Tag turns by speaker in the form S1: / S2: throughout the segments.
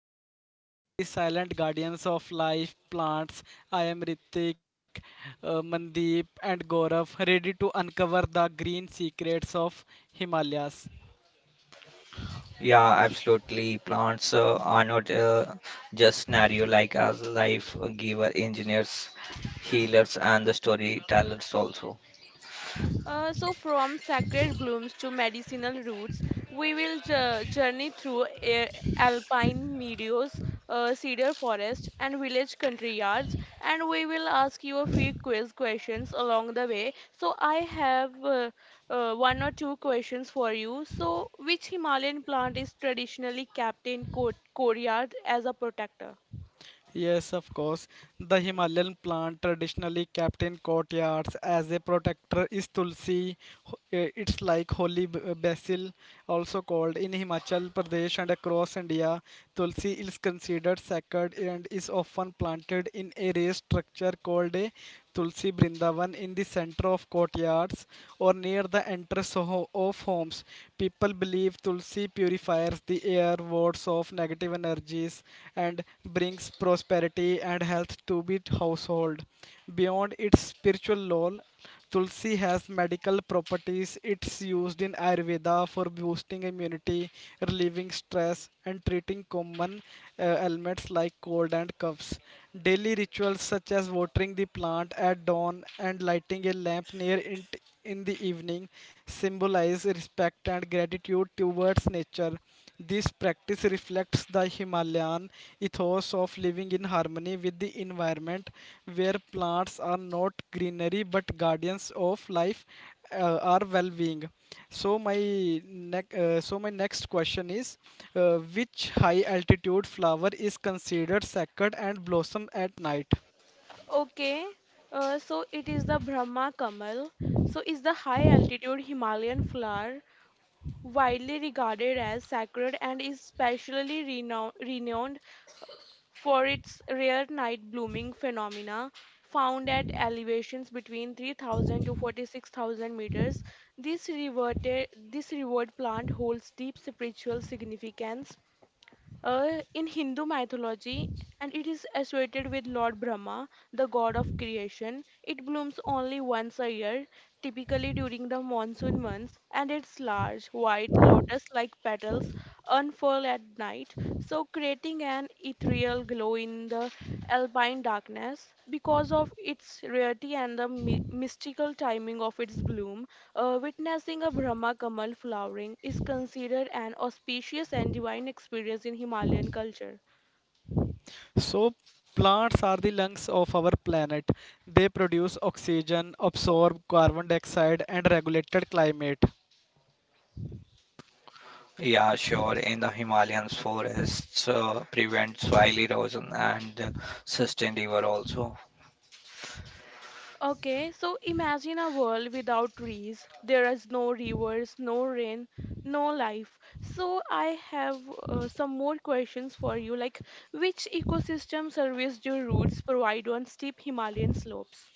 S1: explore the silent guardians of life, plants. I am Ritik, Mandeep, and Gaurav, ready to uncover the green secrets of Himalayas.
S2: Yeah, absolutely. Plants are not just scenario like as life giver, engineers, healers, and the storytellers also.
S3: From sacred blooms to medicinal roots, we will journey through a- alpine meadows, cedar forest, and village country yards, and we will ask you a few quiz questions along the way. So, I have one or two questions for you. So, which Himalayan plant is traditionally kept in courtyard as a protector?
S1: Yes, of course. The Himalayan plant, traditionally kept in courtyards as a protector, is tulsi. It's like holy basil, also called in Himachal Pradesh and across India. Tulsi is considered sacred and is often planted in a raised structure called a Tulsi Brindavan in the center of courtyards or near the entrance of homes. People believe Tulsi purifies the air, wards off negative energies, and brings prosperity and health to the household. Beyond its spiritual role, Tulsi has medical properties. It's used in Ayurveda for boosting immunity, relieving stress, and treating common ailments like cold and coughs. Daily rituals such as watering the plant at dawn and lighting a lamp near it in the evening symbolize respect and gratitude towards nature. This practice reflects the Himalayan ethos of living in harmony with the environment, where plants are not greenery but guardians of life, our well-being. So my next question is, which high altitude flower is considered sacred and blossom at night?
S3: Okay, so it is the Brahma Kamal. So is the high altitude Himalayan flower widely regarded as sacred and is specially renowned for its rare night blooming phenomena found at elevations between 3000 to 46,000 meters. This revered plant holds deep spiritual significance in Hindu mythology, and it is associated with Lord Brahma, the god of creation. It blooms only once a year, typically during the monsoon months, and its large, white, lotus like petals unfurl at night, so creating an ethereal glow in the alpine darkness, because of its rarity and the mystical timing of its bloom, witnessing a Brahma Kamal flowering is considered an auspicious and divine experience in Himalayan culture.
S1: So, plants are the lungs of our planet. They produce oxygen, absorb carbon dioxide, and regulate climate.
S2: Yeah, sure. In the Himalayas, forests prevent soil erosion and sustain river also.
S3: Okay, so imagine a world without trees. There is no rivers, no rain, no life. So I have some more questions for you, like which ecosystem service do roots provide on steep Himalayan slopes?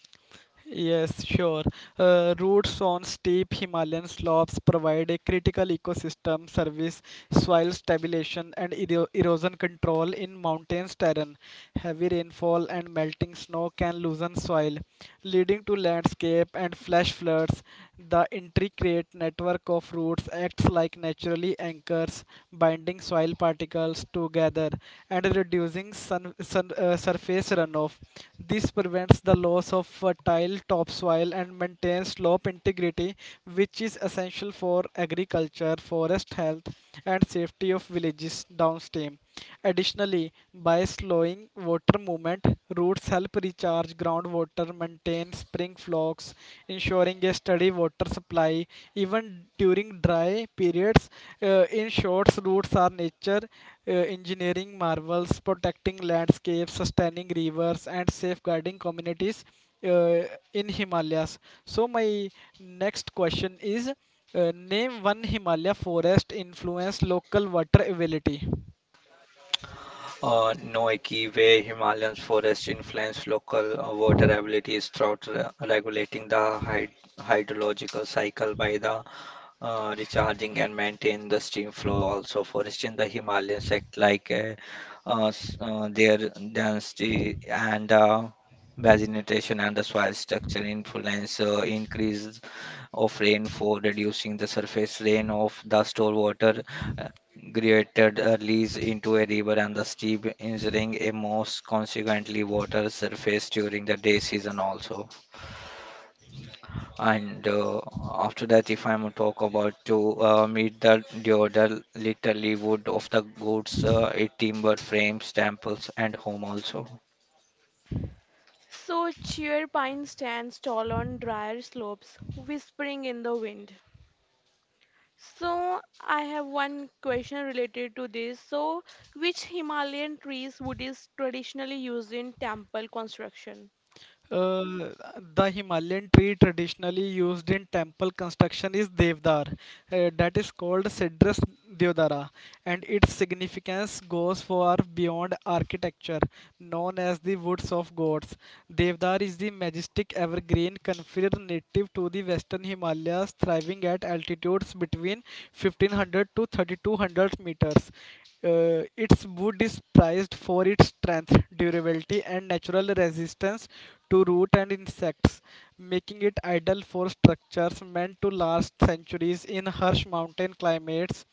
S1: Yes, sure. Roots on steep Himalayan slopes provide a critical ecosystem service, soil stabilization, and erosion control in mountainous terrain. Heavy rainfall and melting snow can loosen soil, leading to landscape and flash floods. The intricate network of roots acts like naturally anchors, binding soil particles together and reducing surface runoff. This prevents the loss of fertile topsoil and maintains slope integrity, which is essential for agriculture, forest health, and safety of villages downstream. Additionally, by slowing water movement, roots help recharge groundwater, maintain spring flocks, ensuring a steady water supply fly even during dry periods. In short, roots are nature engineering marvels, protecting landscapes, sustaining rivers, and safeguarding communities uh, in Himalayas. So, my next question is Name one Himalaya forest influence local water availability.
S2: No key way Himalayan forests influence local water abilities throughout regulating the hydrological cycle by the recharging and maintain the stream flow also. For instance, the Himalayan sect like their density and vegetation and the soil structure influence increase of rain for reducing the surface rain of the stored water uh, created a lease into a river and the steep injuring a most consequently water surface during the day season also. And After that, if I'm talk about to meet the deodal, literally wood of the goods, it timber frames, temples, and home also.
S3: So cheer pine stands tall on drier slopes, whispering in the wind. So I have one question related to this. So which Himalayan trees wood is traditionally used in temple construction?
S1: Uh, the Himalayan tree traditionally used in temple construction is Devdar, that is called Cedrus deodara, and its significance goes far beyond architecture, known as the woods of gods. Devdar is the majestic evergreen conifer native to the western Himalayas, thriving at altitudes between 1500 to 3200 meters. Its wood is prized for its strength, durability, and natural resistance to root and insects, making it ideal for structures meant to last centuries in harsh mountain climates.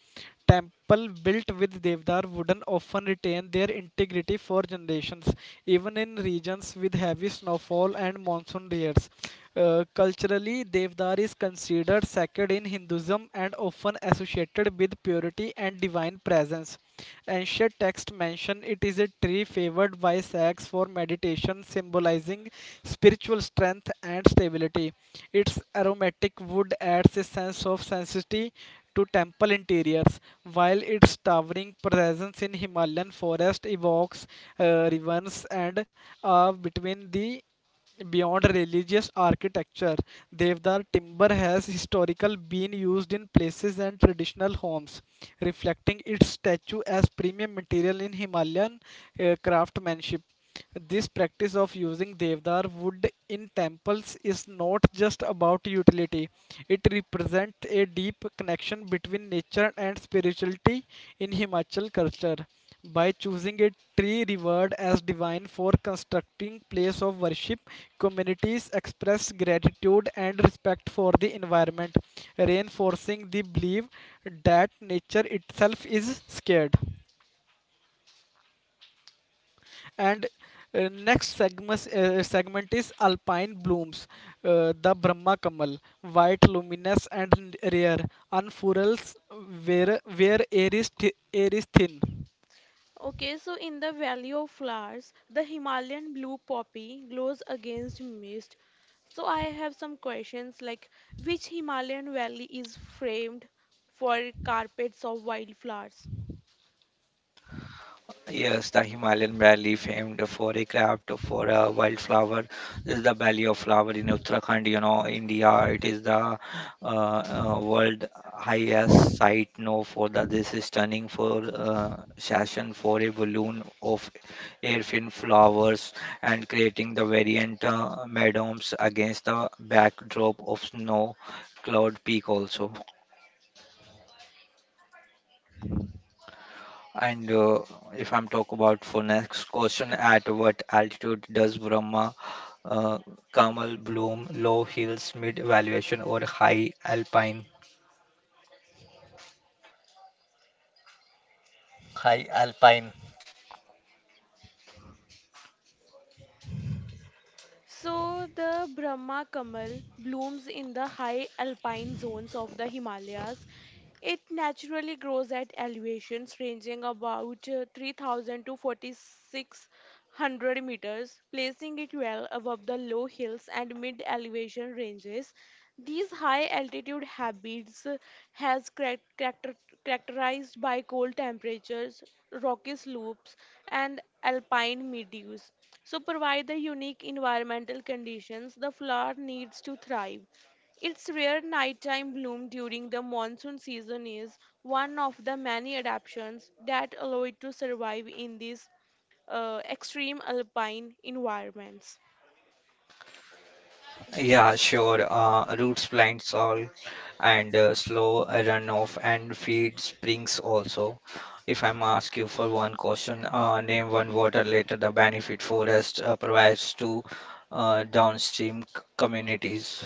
S1: Temple built with Devdar wooden often retain their integrity for generations, even in regions with heavy snowfall and monsoon years. Culturally, Devdar is considered sacred in Hinduism and often associated with purity and divine presence. Ancient texts mention it is a tree favored by sages for meditation, symbolizing spiritual strength and stability. Its aromatic wood adds a sense of sanctity to temple interiors, while its towering presence in Himalayan forest evokes reverence and awe between the Beyond religious architecture, Devdar timber has historically been used in places and traditional homes, reflecting its statue as premium material in Himalayan craftsmanship. This practice of using Devdar wood in temples is not just about utility, it represents a deep connection between nature and spirituality in Himachal culture by choosing a tree revered as divine for constructing place of worship communities express gratitude and respect for the environment reinforcing the belief that nature itself is scared and next segment, segment is alpine blooms the brahma kamal white luminous and rare unfurls where air is, air is thin.
S3: Okay, so in the Valley of Flowers, the Himalayan blue poppy glows against mist. So I have some questions like which Himalayan valley is framed for carpets of wildflowers?
S2: Yes, the Himalayan Valley, famed for a craft for a wildflower, is the Valley of Flower in Uttarakhand, you know, India. It is the world highest site known for the this is stunning for session for a balloon of airfin flowers, and creating the variant meadows against the backdrop of snow cloud peak also. And If I'm talk about for next question, at what altitude does Brahma uh, camel bloom? Low hills, mid valuation, or high alpine? High alpine.
S3: So the Brahma Kamal blooms in the high alpine zones of the Himalayas. It naturally grows at elevations ranging about 3000 to 4600 meters, placing it well above the low hills and mid elevation ranges. These high altitude habits has characterized by cold temperatures, rocky slopes, and alpine meadows. So, provide the unique environmental conditions the flower needs to thrive. Its rare nighttime bloom during the monsoon season is one of the many adaptations that allow it to survive in these extreme alpine environments.
S2: Yeah, sure. Roots, plant, all and slow runoff and feed springs also. If I'm ask you for one question, name one water later the benefit forest provides to downstream communities.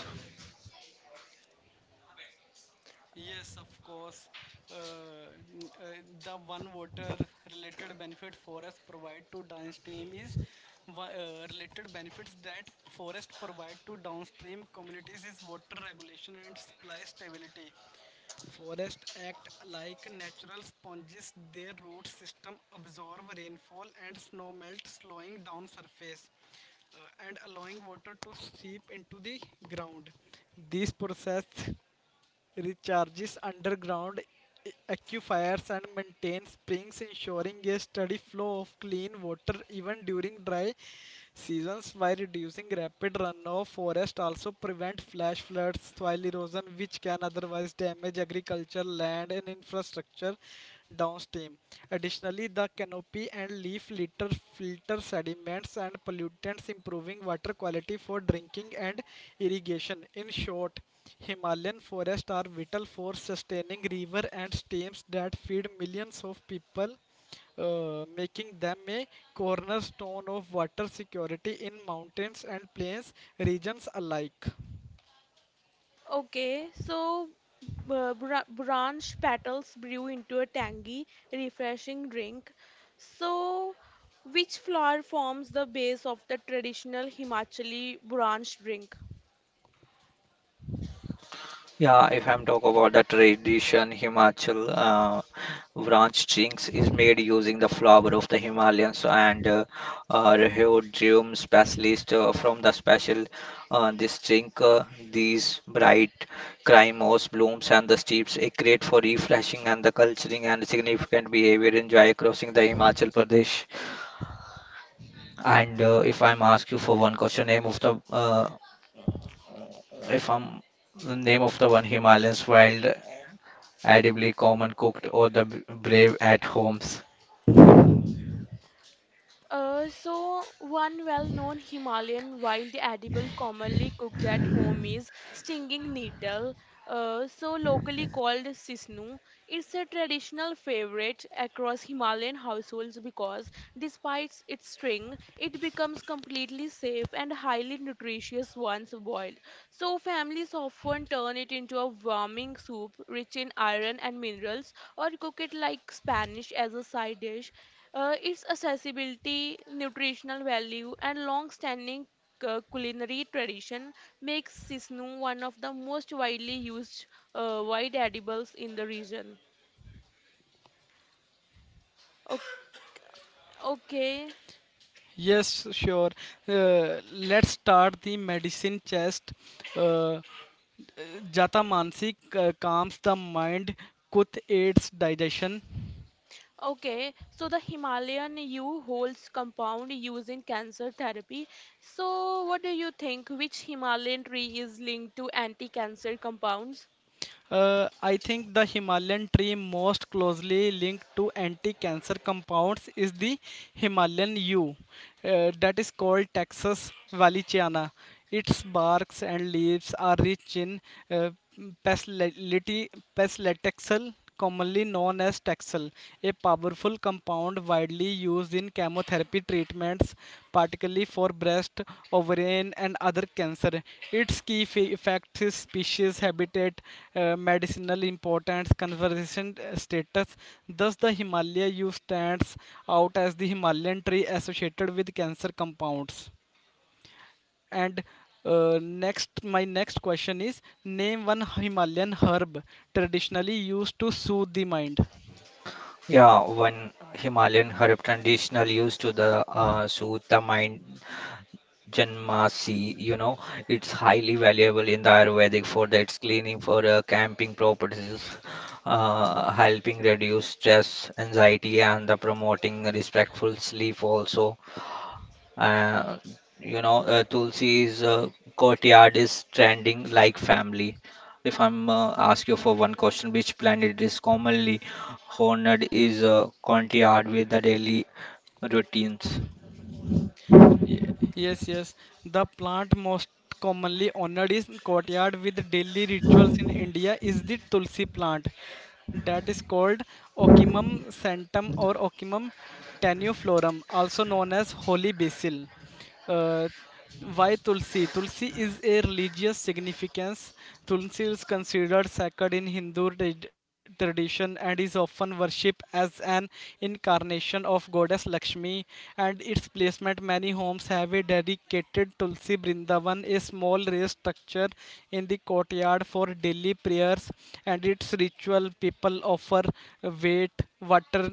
S1: Yes, of course. Uh, the one water related benefit forest provide to downstream is related benefits that forest provide to downstream communities is water regulation and supply stability. Forest act like natural sponges. Their root system absorb rainfall and snow melt, slowing down surface and allowing water to seep into the ground. This process recharges underground aquifers and maintains springs, ensuring a steady flow of clean water even during dry seasons by reducing rapid runoff. Forests also prevent flash floods, soil erosion, which can otherwise damage agriculture, land, and infrastructure downstream. Additionally, the canopy and leaf litter filter sediments and pollutants, improving water quality for drinking and irrigation. In short, Himalayan forests are vital for sustaining river and streams that feed millions of people, making them a cornerstone of water security in mountains and plains regions alike.
S3: Okay, so branch petals brew into a tangy, refreshing drink. So, which flower forms the base of the traditional Himachali branch drink?
S2: Yeah, if I'm talking about the tradition, Himachal branch drinks is made using the flower of the Himalayas and rhodium specialist from the special this drink. These bright crimos, blooms, and the steeps are great for refreshing and the culturing and significant behavior enjoy crossing the Himachal Pradesh. And If I'm ask you for one question, name of the if I'm name of the one Himalayas wild edible common cooked or the brave at homes.
S3: One well known Himalayan wild edible commonly cooked at home is stinging nettle, so locally called sisnu. It's a traditional favorite across Himalayan households because, despite its sting, it becomes completely safe and highly nutritious once boiled. So families often turn it into a warming soup rich in iron and minerals or cook it like Spanish as a side dish. Its accessibility, nutritional value and long-standing culinary tradition makes sisnu one of the most widely used wide edibles in the region. O- okay.
S1: Yes, sure. Let's start the medicine chest. Uh, Jata Mansi calms the mind, Kuth aids digestion.
S3: Okay, so the Himalayan yew holds compound used in cancer therapy. So, what do you think? Which Himalayan tree is linked to anti-cancer compounds?
S1: I think the Himalayan tree most closely linked to anti-cancer compounds is the Himalayan yew, that is called Texas Valenciana. Its barks and leaves are rich in uh, pacilitexal commonly known as Taxol, a powerful compound widely used in chemotherapy treatments, particularly for breast, ovarian, and other cancer. Its key effects is species, habitat, medicinal importance, conservation status. Thus, the Himalaya yew stands out as the Himalayan tree associated with cancer compounds. And my next question is: Name one Himalayan herb traditionally used to soothe the mind.
S2: Yeah, one Himalayan herb traditional used to the soothe the mind Janmasi, you know, it's highly valuable in the Ayurvedic for the, its cleaning for camping properties, helping reduce stress, anxiety, and the promoting respectful sleep also. Uh, you know, Tulsi's courtyard is trending like family. If I'm ask you for one question, which planet is commonly honored is courtyard with the daily routines.
S1: Ye- Yes, yes. The plant most commonly honored in courtyard with daily rituals in India is the tulsi plant. That is called Ocimum santum or Ocimum tanuflorum, also known as holy basil. Uh, why Tulsi? Tulsi is a religious significance. Tulsi is considered sacred in Hindu tradition and is often worshipped as an incarnation of goddess Lakshmi. And its placement, many homes have a dedicated Tulsi Brindavan, a small raised structure in the courtyard for daily prayers and its ritual. People offer wheat, water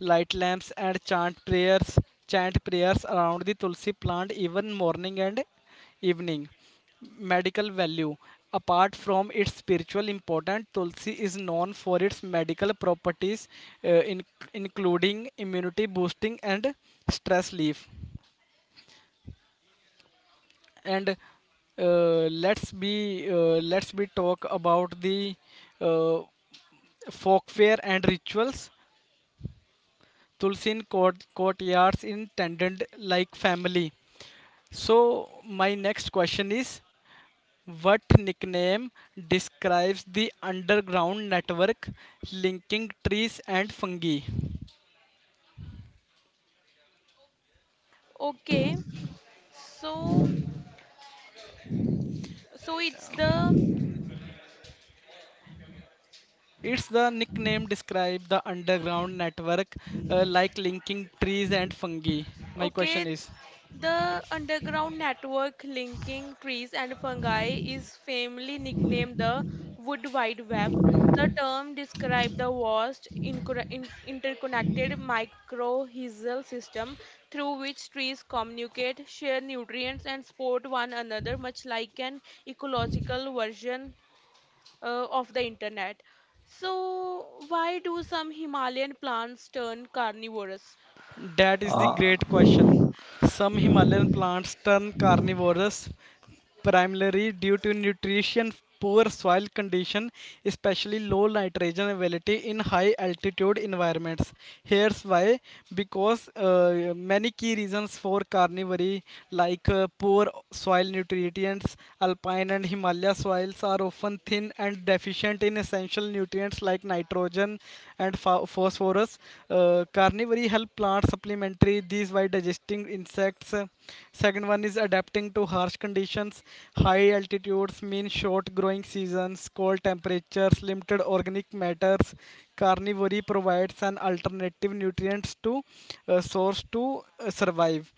S1: light lamps and chant prayers around the tulsi plant even morning and evening medical value apart from its spiritual importance tulsi is known for its medical properties uh, in, including immunity boosting and stress relief and uh, let's be let's be talk about the uh, folk fair and rituals Tulsin courtyards in tendant like family. So my next question is what nickname describes the underground network linking trees and fungi?
S3: Okay, so so it's the
S1: It's the nickname describe the underground network linking trees and fungi. My
S3: okay.
S1: question is
S3: The underground network linking trees and fungi is famously nicknamed the Wood Wide Web. The term describes the vast interconnected mycorrhizal system through which trees communicate, share nutrients, and support one another, much like an ecological version of the internet. So, why do some Himalayan plants turn carnivorous?
S1: That is the great
S2: Uh,
S1: question. Some Himalayan plants turn carnivorous primarily due to nutrition poor soil condition, especially low nitrogen availability in high altitude environments. Here's why: because many key reasons for carnivory, poor soil nutrients, alpine and Himalaya soils are often thin and deficient in essential nutrients like nitrogen, and phosphorus. Carnivory help plants supplementary these by digesting insects. Second one is adapting to harsh conditions. High altitudes mean short growing seasons, cold temperatures, limited organic matters. Carnivory provides an alternative nutrients to source to survive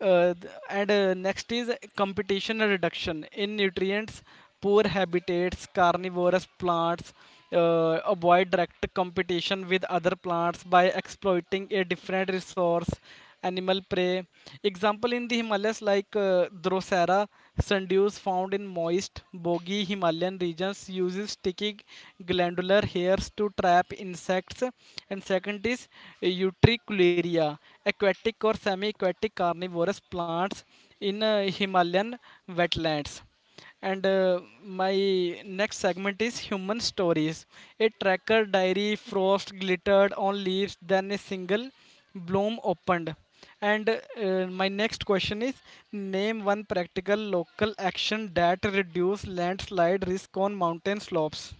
S1: th- and next is competition reduction in nutrients poor habitats, carnivorous plants, avoid direct competition with other plants by exploiting a different resource, animal prey. Example in the Himalayas Drosera sundews found in moist, boggy Himalayan regions uses sticky glandular hairs to trap insects. And second is Utricularia, aquatic or semi-aquatic carnivorous plants in Himalayan wetlands and my next segment is human stories. A tracker diary, frost glittered on leaves, then a single bloom opened. And my next question is Name one practical local action that reduce landslide risk on mountain slopes.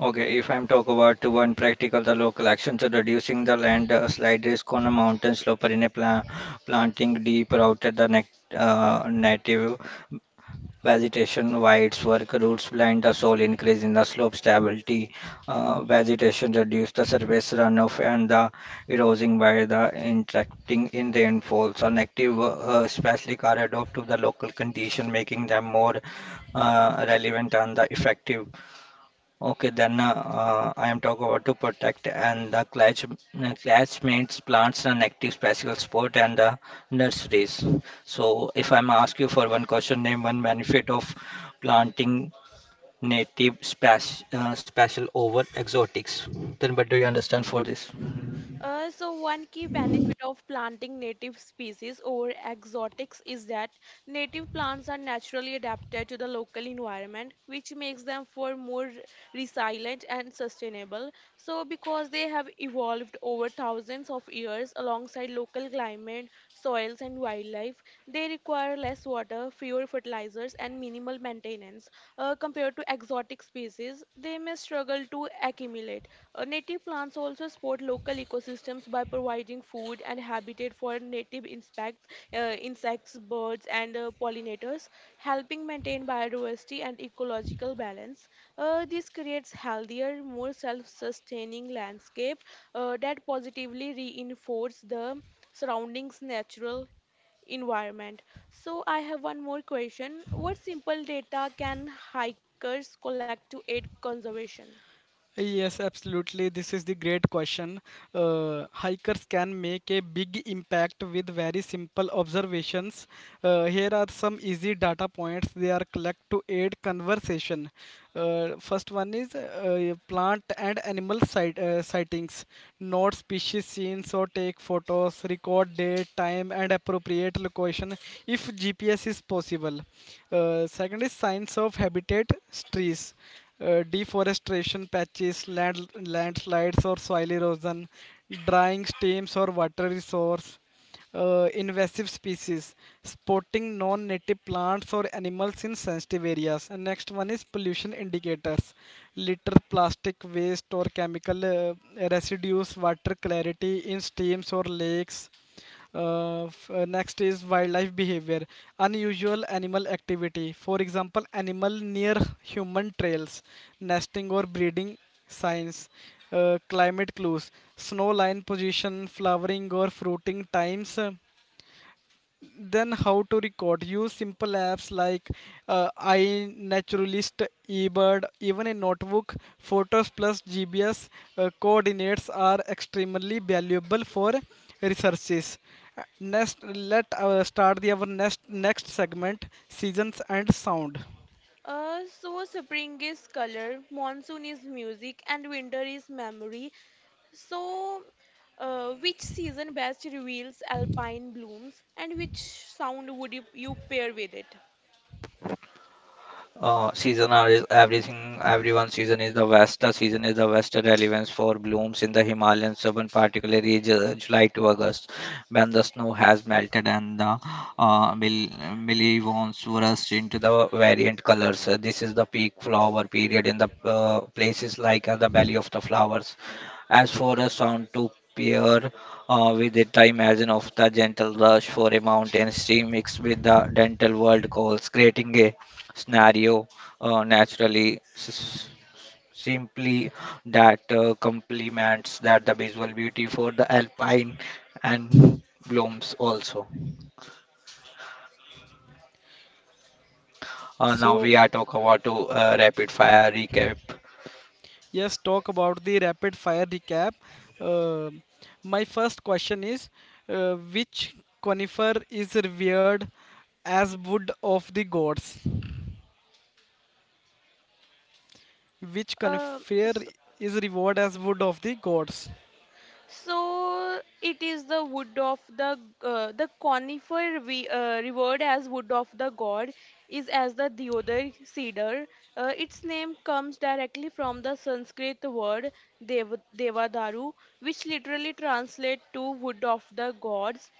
S2: Okay, if I'm talk about one practical, the local action to reducing the land slide risk on a mountain slope or in a planting deep routed the native vegetation. Why its work roots blind the soil increase in the slope stability. Vegetation reduce the surface runoff and the erosion by the interacting in rainfalls. So, negative especially correlated to the local condition, making them more relevant and the effective. Okay, then I am talking about to protect and the clash, classmates, plants, and active special sport and the nurseries. So, if I'm ask you for one question, name one benefit of planting native spas special over exotics. Then, what do you understand for this?
S3: So one key benefit of planting native species over exotics is that native plants are naturally adapted to the local environment, which makes them for more resilient and sustainable. So because they have evolved over thousands of years alongside local climate, soils and wildlife, they require less water, fewer fertilizers and minimal maintenance. Compared to exotic species, they may struggle to accumulate. Native plants also support local ecosystems by providing food and habitat for insects, birds, and pollinators, helping maintain biodiversity and ecological balance. This creates healthier, more self-sustaining landscape that positively reinforce the surroundings' natural environment. So I have one more question: what simple data can hikers collect to aid conservation?
S1: Yes, absolutely. This is the great question. Hikers can make a big impact with very simple observations. Here are some easy data points they are collect to aid conversation. First one is plant and animal sightings. Note species seen, so take photos, record date, time, and appropriate location if GPS is possible. Second is signs of habitat trees deforestation landslides or soil erosion, drying streams or water resource, invasive species, spotting non-native plants or animals in sensitive areas. And next one is pollution indicators, litter, plastic waste or chemical residues, water clarity in streams or lakes next is wildlife behavior, unusual animal activity. For example, animal near human trails, nesting or breeding signs, climate clues, snow line position, flowering or fruiting times, then how to record use simple apps like iNaturalist eBird even a notebook photos plus GBS coordinates are extremely valuable for researches. Uh, next let start the our next segment seasons and sound
S3: So spring is color, monsoon is music, and winter is memory. So, which season best reveals alpine blooms, and which sound would you pair with it?
S2: Season are is everything. Everyone season is the Vesta. Season is the Vesta relevance for blooms in the Himalayan southern, particularly July to August, when the snow has melted and the uh, mill- millivons burst into the variant colors. This is the peak flower period in the places like the belly of the flowers. As for a sound to pair with it, I imagine of the gentle rush for a mountain stream mixed with the dental world calls, creating a scenario uh, naturally s- simply that complements that the visual beauty for the alpine and blooms also. Now
S1: so
S2: we are talk about to rapid fire recap.
S1: Yes, talk about the rapid fire recap. Uh, my first question is which conifer is revered as wood of the gods? Which conifer
S3: S
S1: is revered as wood of the gods?
S3: So it is the wood of the conifer we revered as wood of the god is as the deodar cedar. Its name comes directly from the Sanskrit word devadaru, which literally translates to wood of the gods.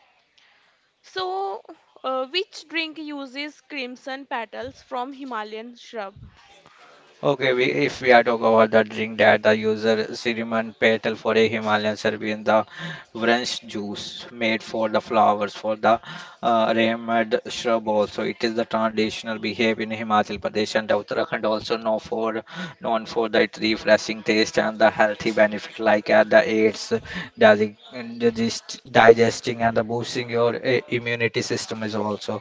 S3: So, which drink uses crimson petals from Himalayan shrub?
S2: Okay, we, if we are talking about the drink that the user cinnamon petal for a Himalayan Serbian, the wrench juice made for the flowers for the Rehmad shrub also. It is the traditional behavior in Himachal Pradesh and Uttarakhand, also known for the its refreshing taste and the healthy benefit like the aids digesting and the boosting your immunity system is also.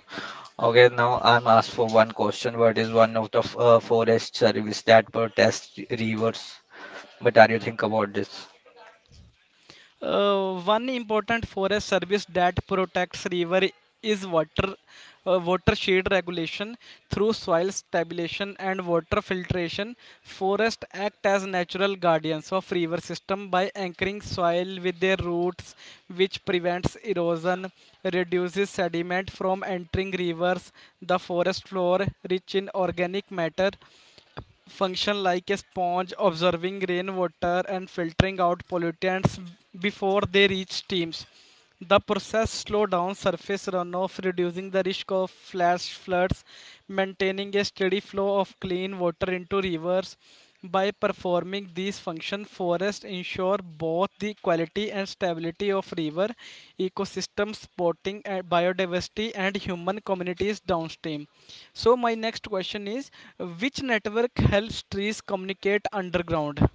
S2: Okay, now I'm asked for one question. What is one of the forest service that protest rivers? What are you think about this?
S1: One important forest service that protects river is water watershed regulation through soil stabilization and water filtration. Forests act as natural guardians of river system by anchoring soil with their roots, which prevents erosion, reduces sediment from entering rivers. The forest floor, rich in organic matter, function like a sponge observing rainwater and filtering out pollutants before they reach streams. The process slows down surface runoff, reducing the risk of flash floods, maintaining a steady flow of clean water into rivers. By performing these functions, forests ensure both the quality and stability of river ecosystems, supporting biodiversity and human communities downstream. So, my next question is which network helps trees communicate underground?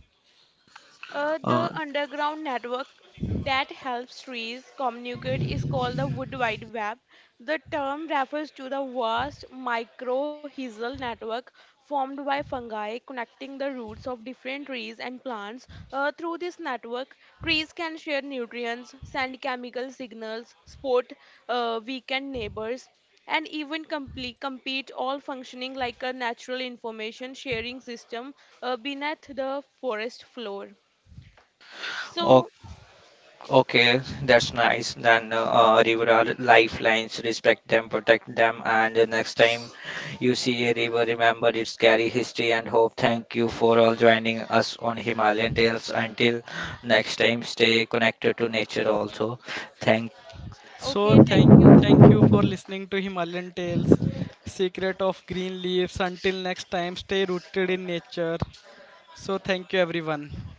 S2: Uh,
S3: The underground network that helps trees communicate is called the Wood Wide Web. The term refers to the vast mycorrhizal network formed by fungi connecting the roots of different trees and plants. Through this network, trees can share nutrients, send chemical signals, support weakened neighbors, and even compete all functioning like a natural information sharing system beneath the forest floor.
S2: o-
S3: So,
S2: okay, that's nice. Then river are lifelines. Respect them, protect them, and the next time you see a river, remember its carry history and hope. Thank you for all joining us on Himalayan Tales. Until next time, stay connected to nature. Also, thank
S1: So,
S3: okay, thank
S1: thank,
S3: you.
S1: thank you for listening to Himalayan Tales, Secret of Green Leaves. Until next time, stay rooted in nature. So, thank you, everyone.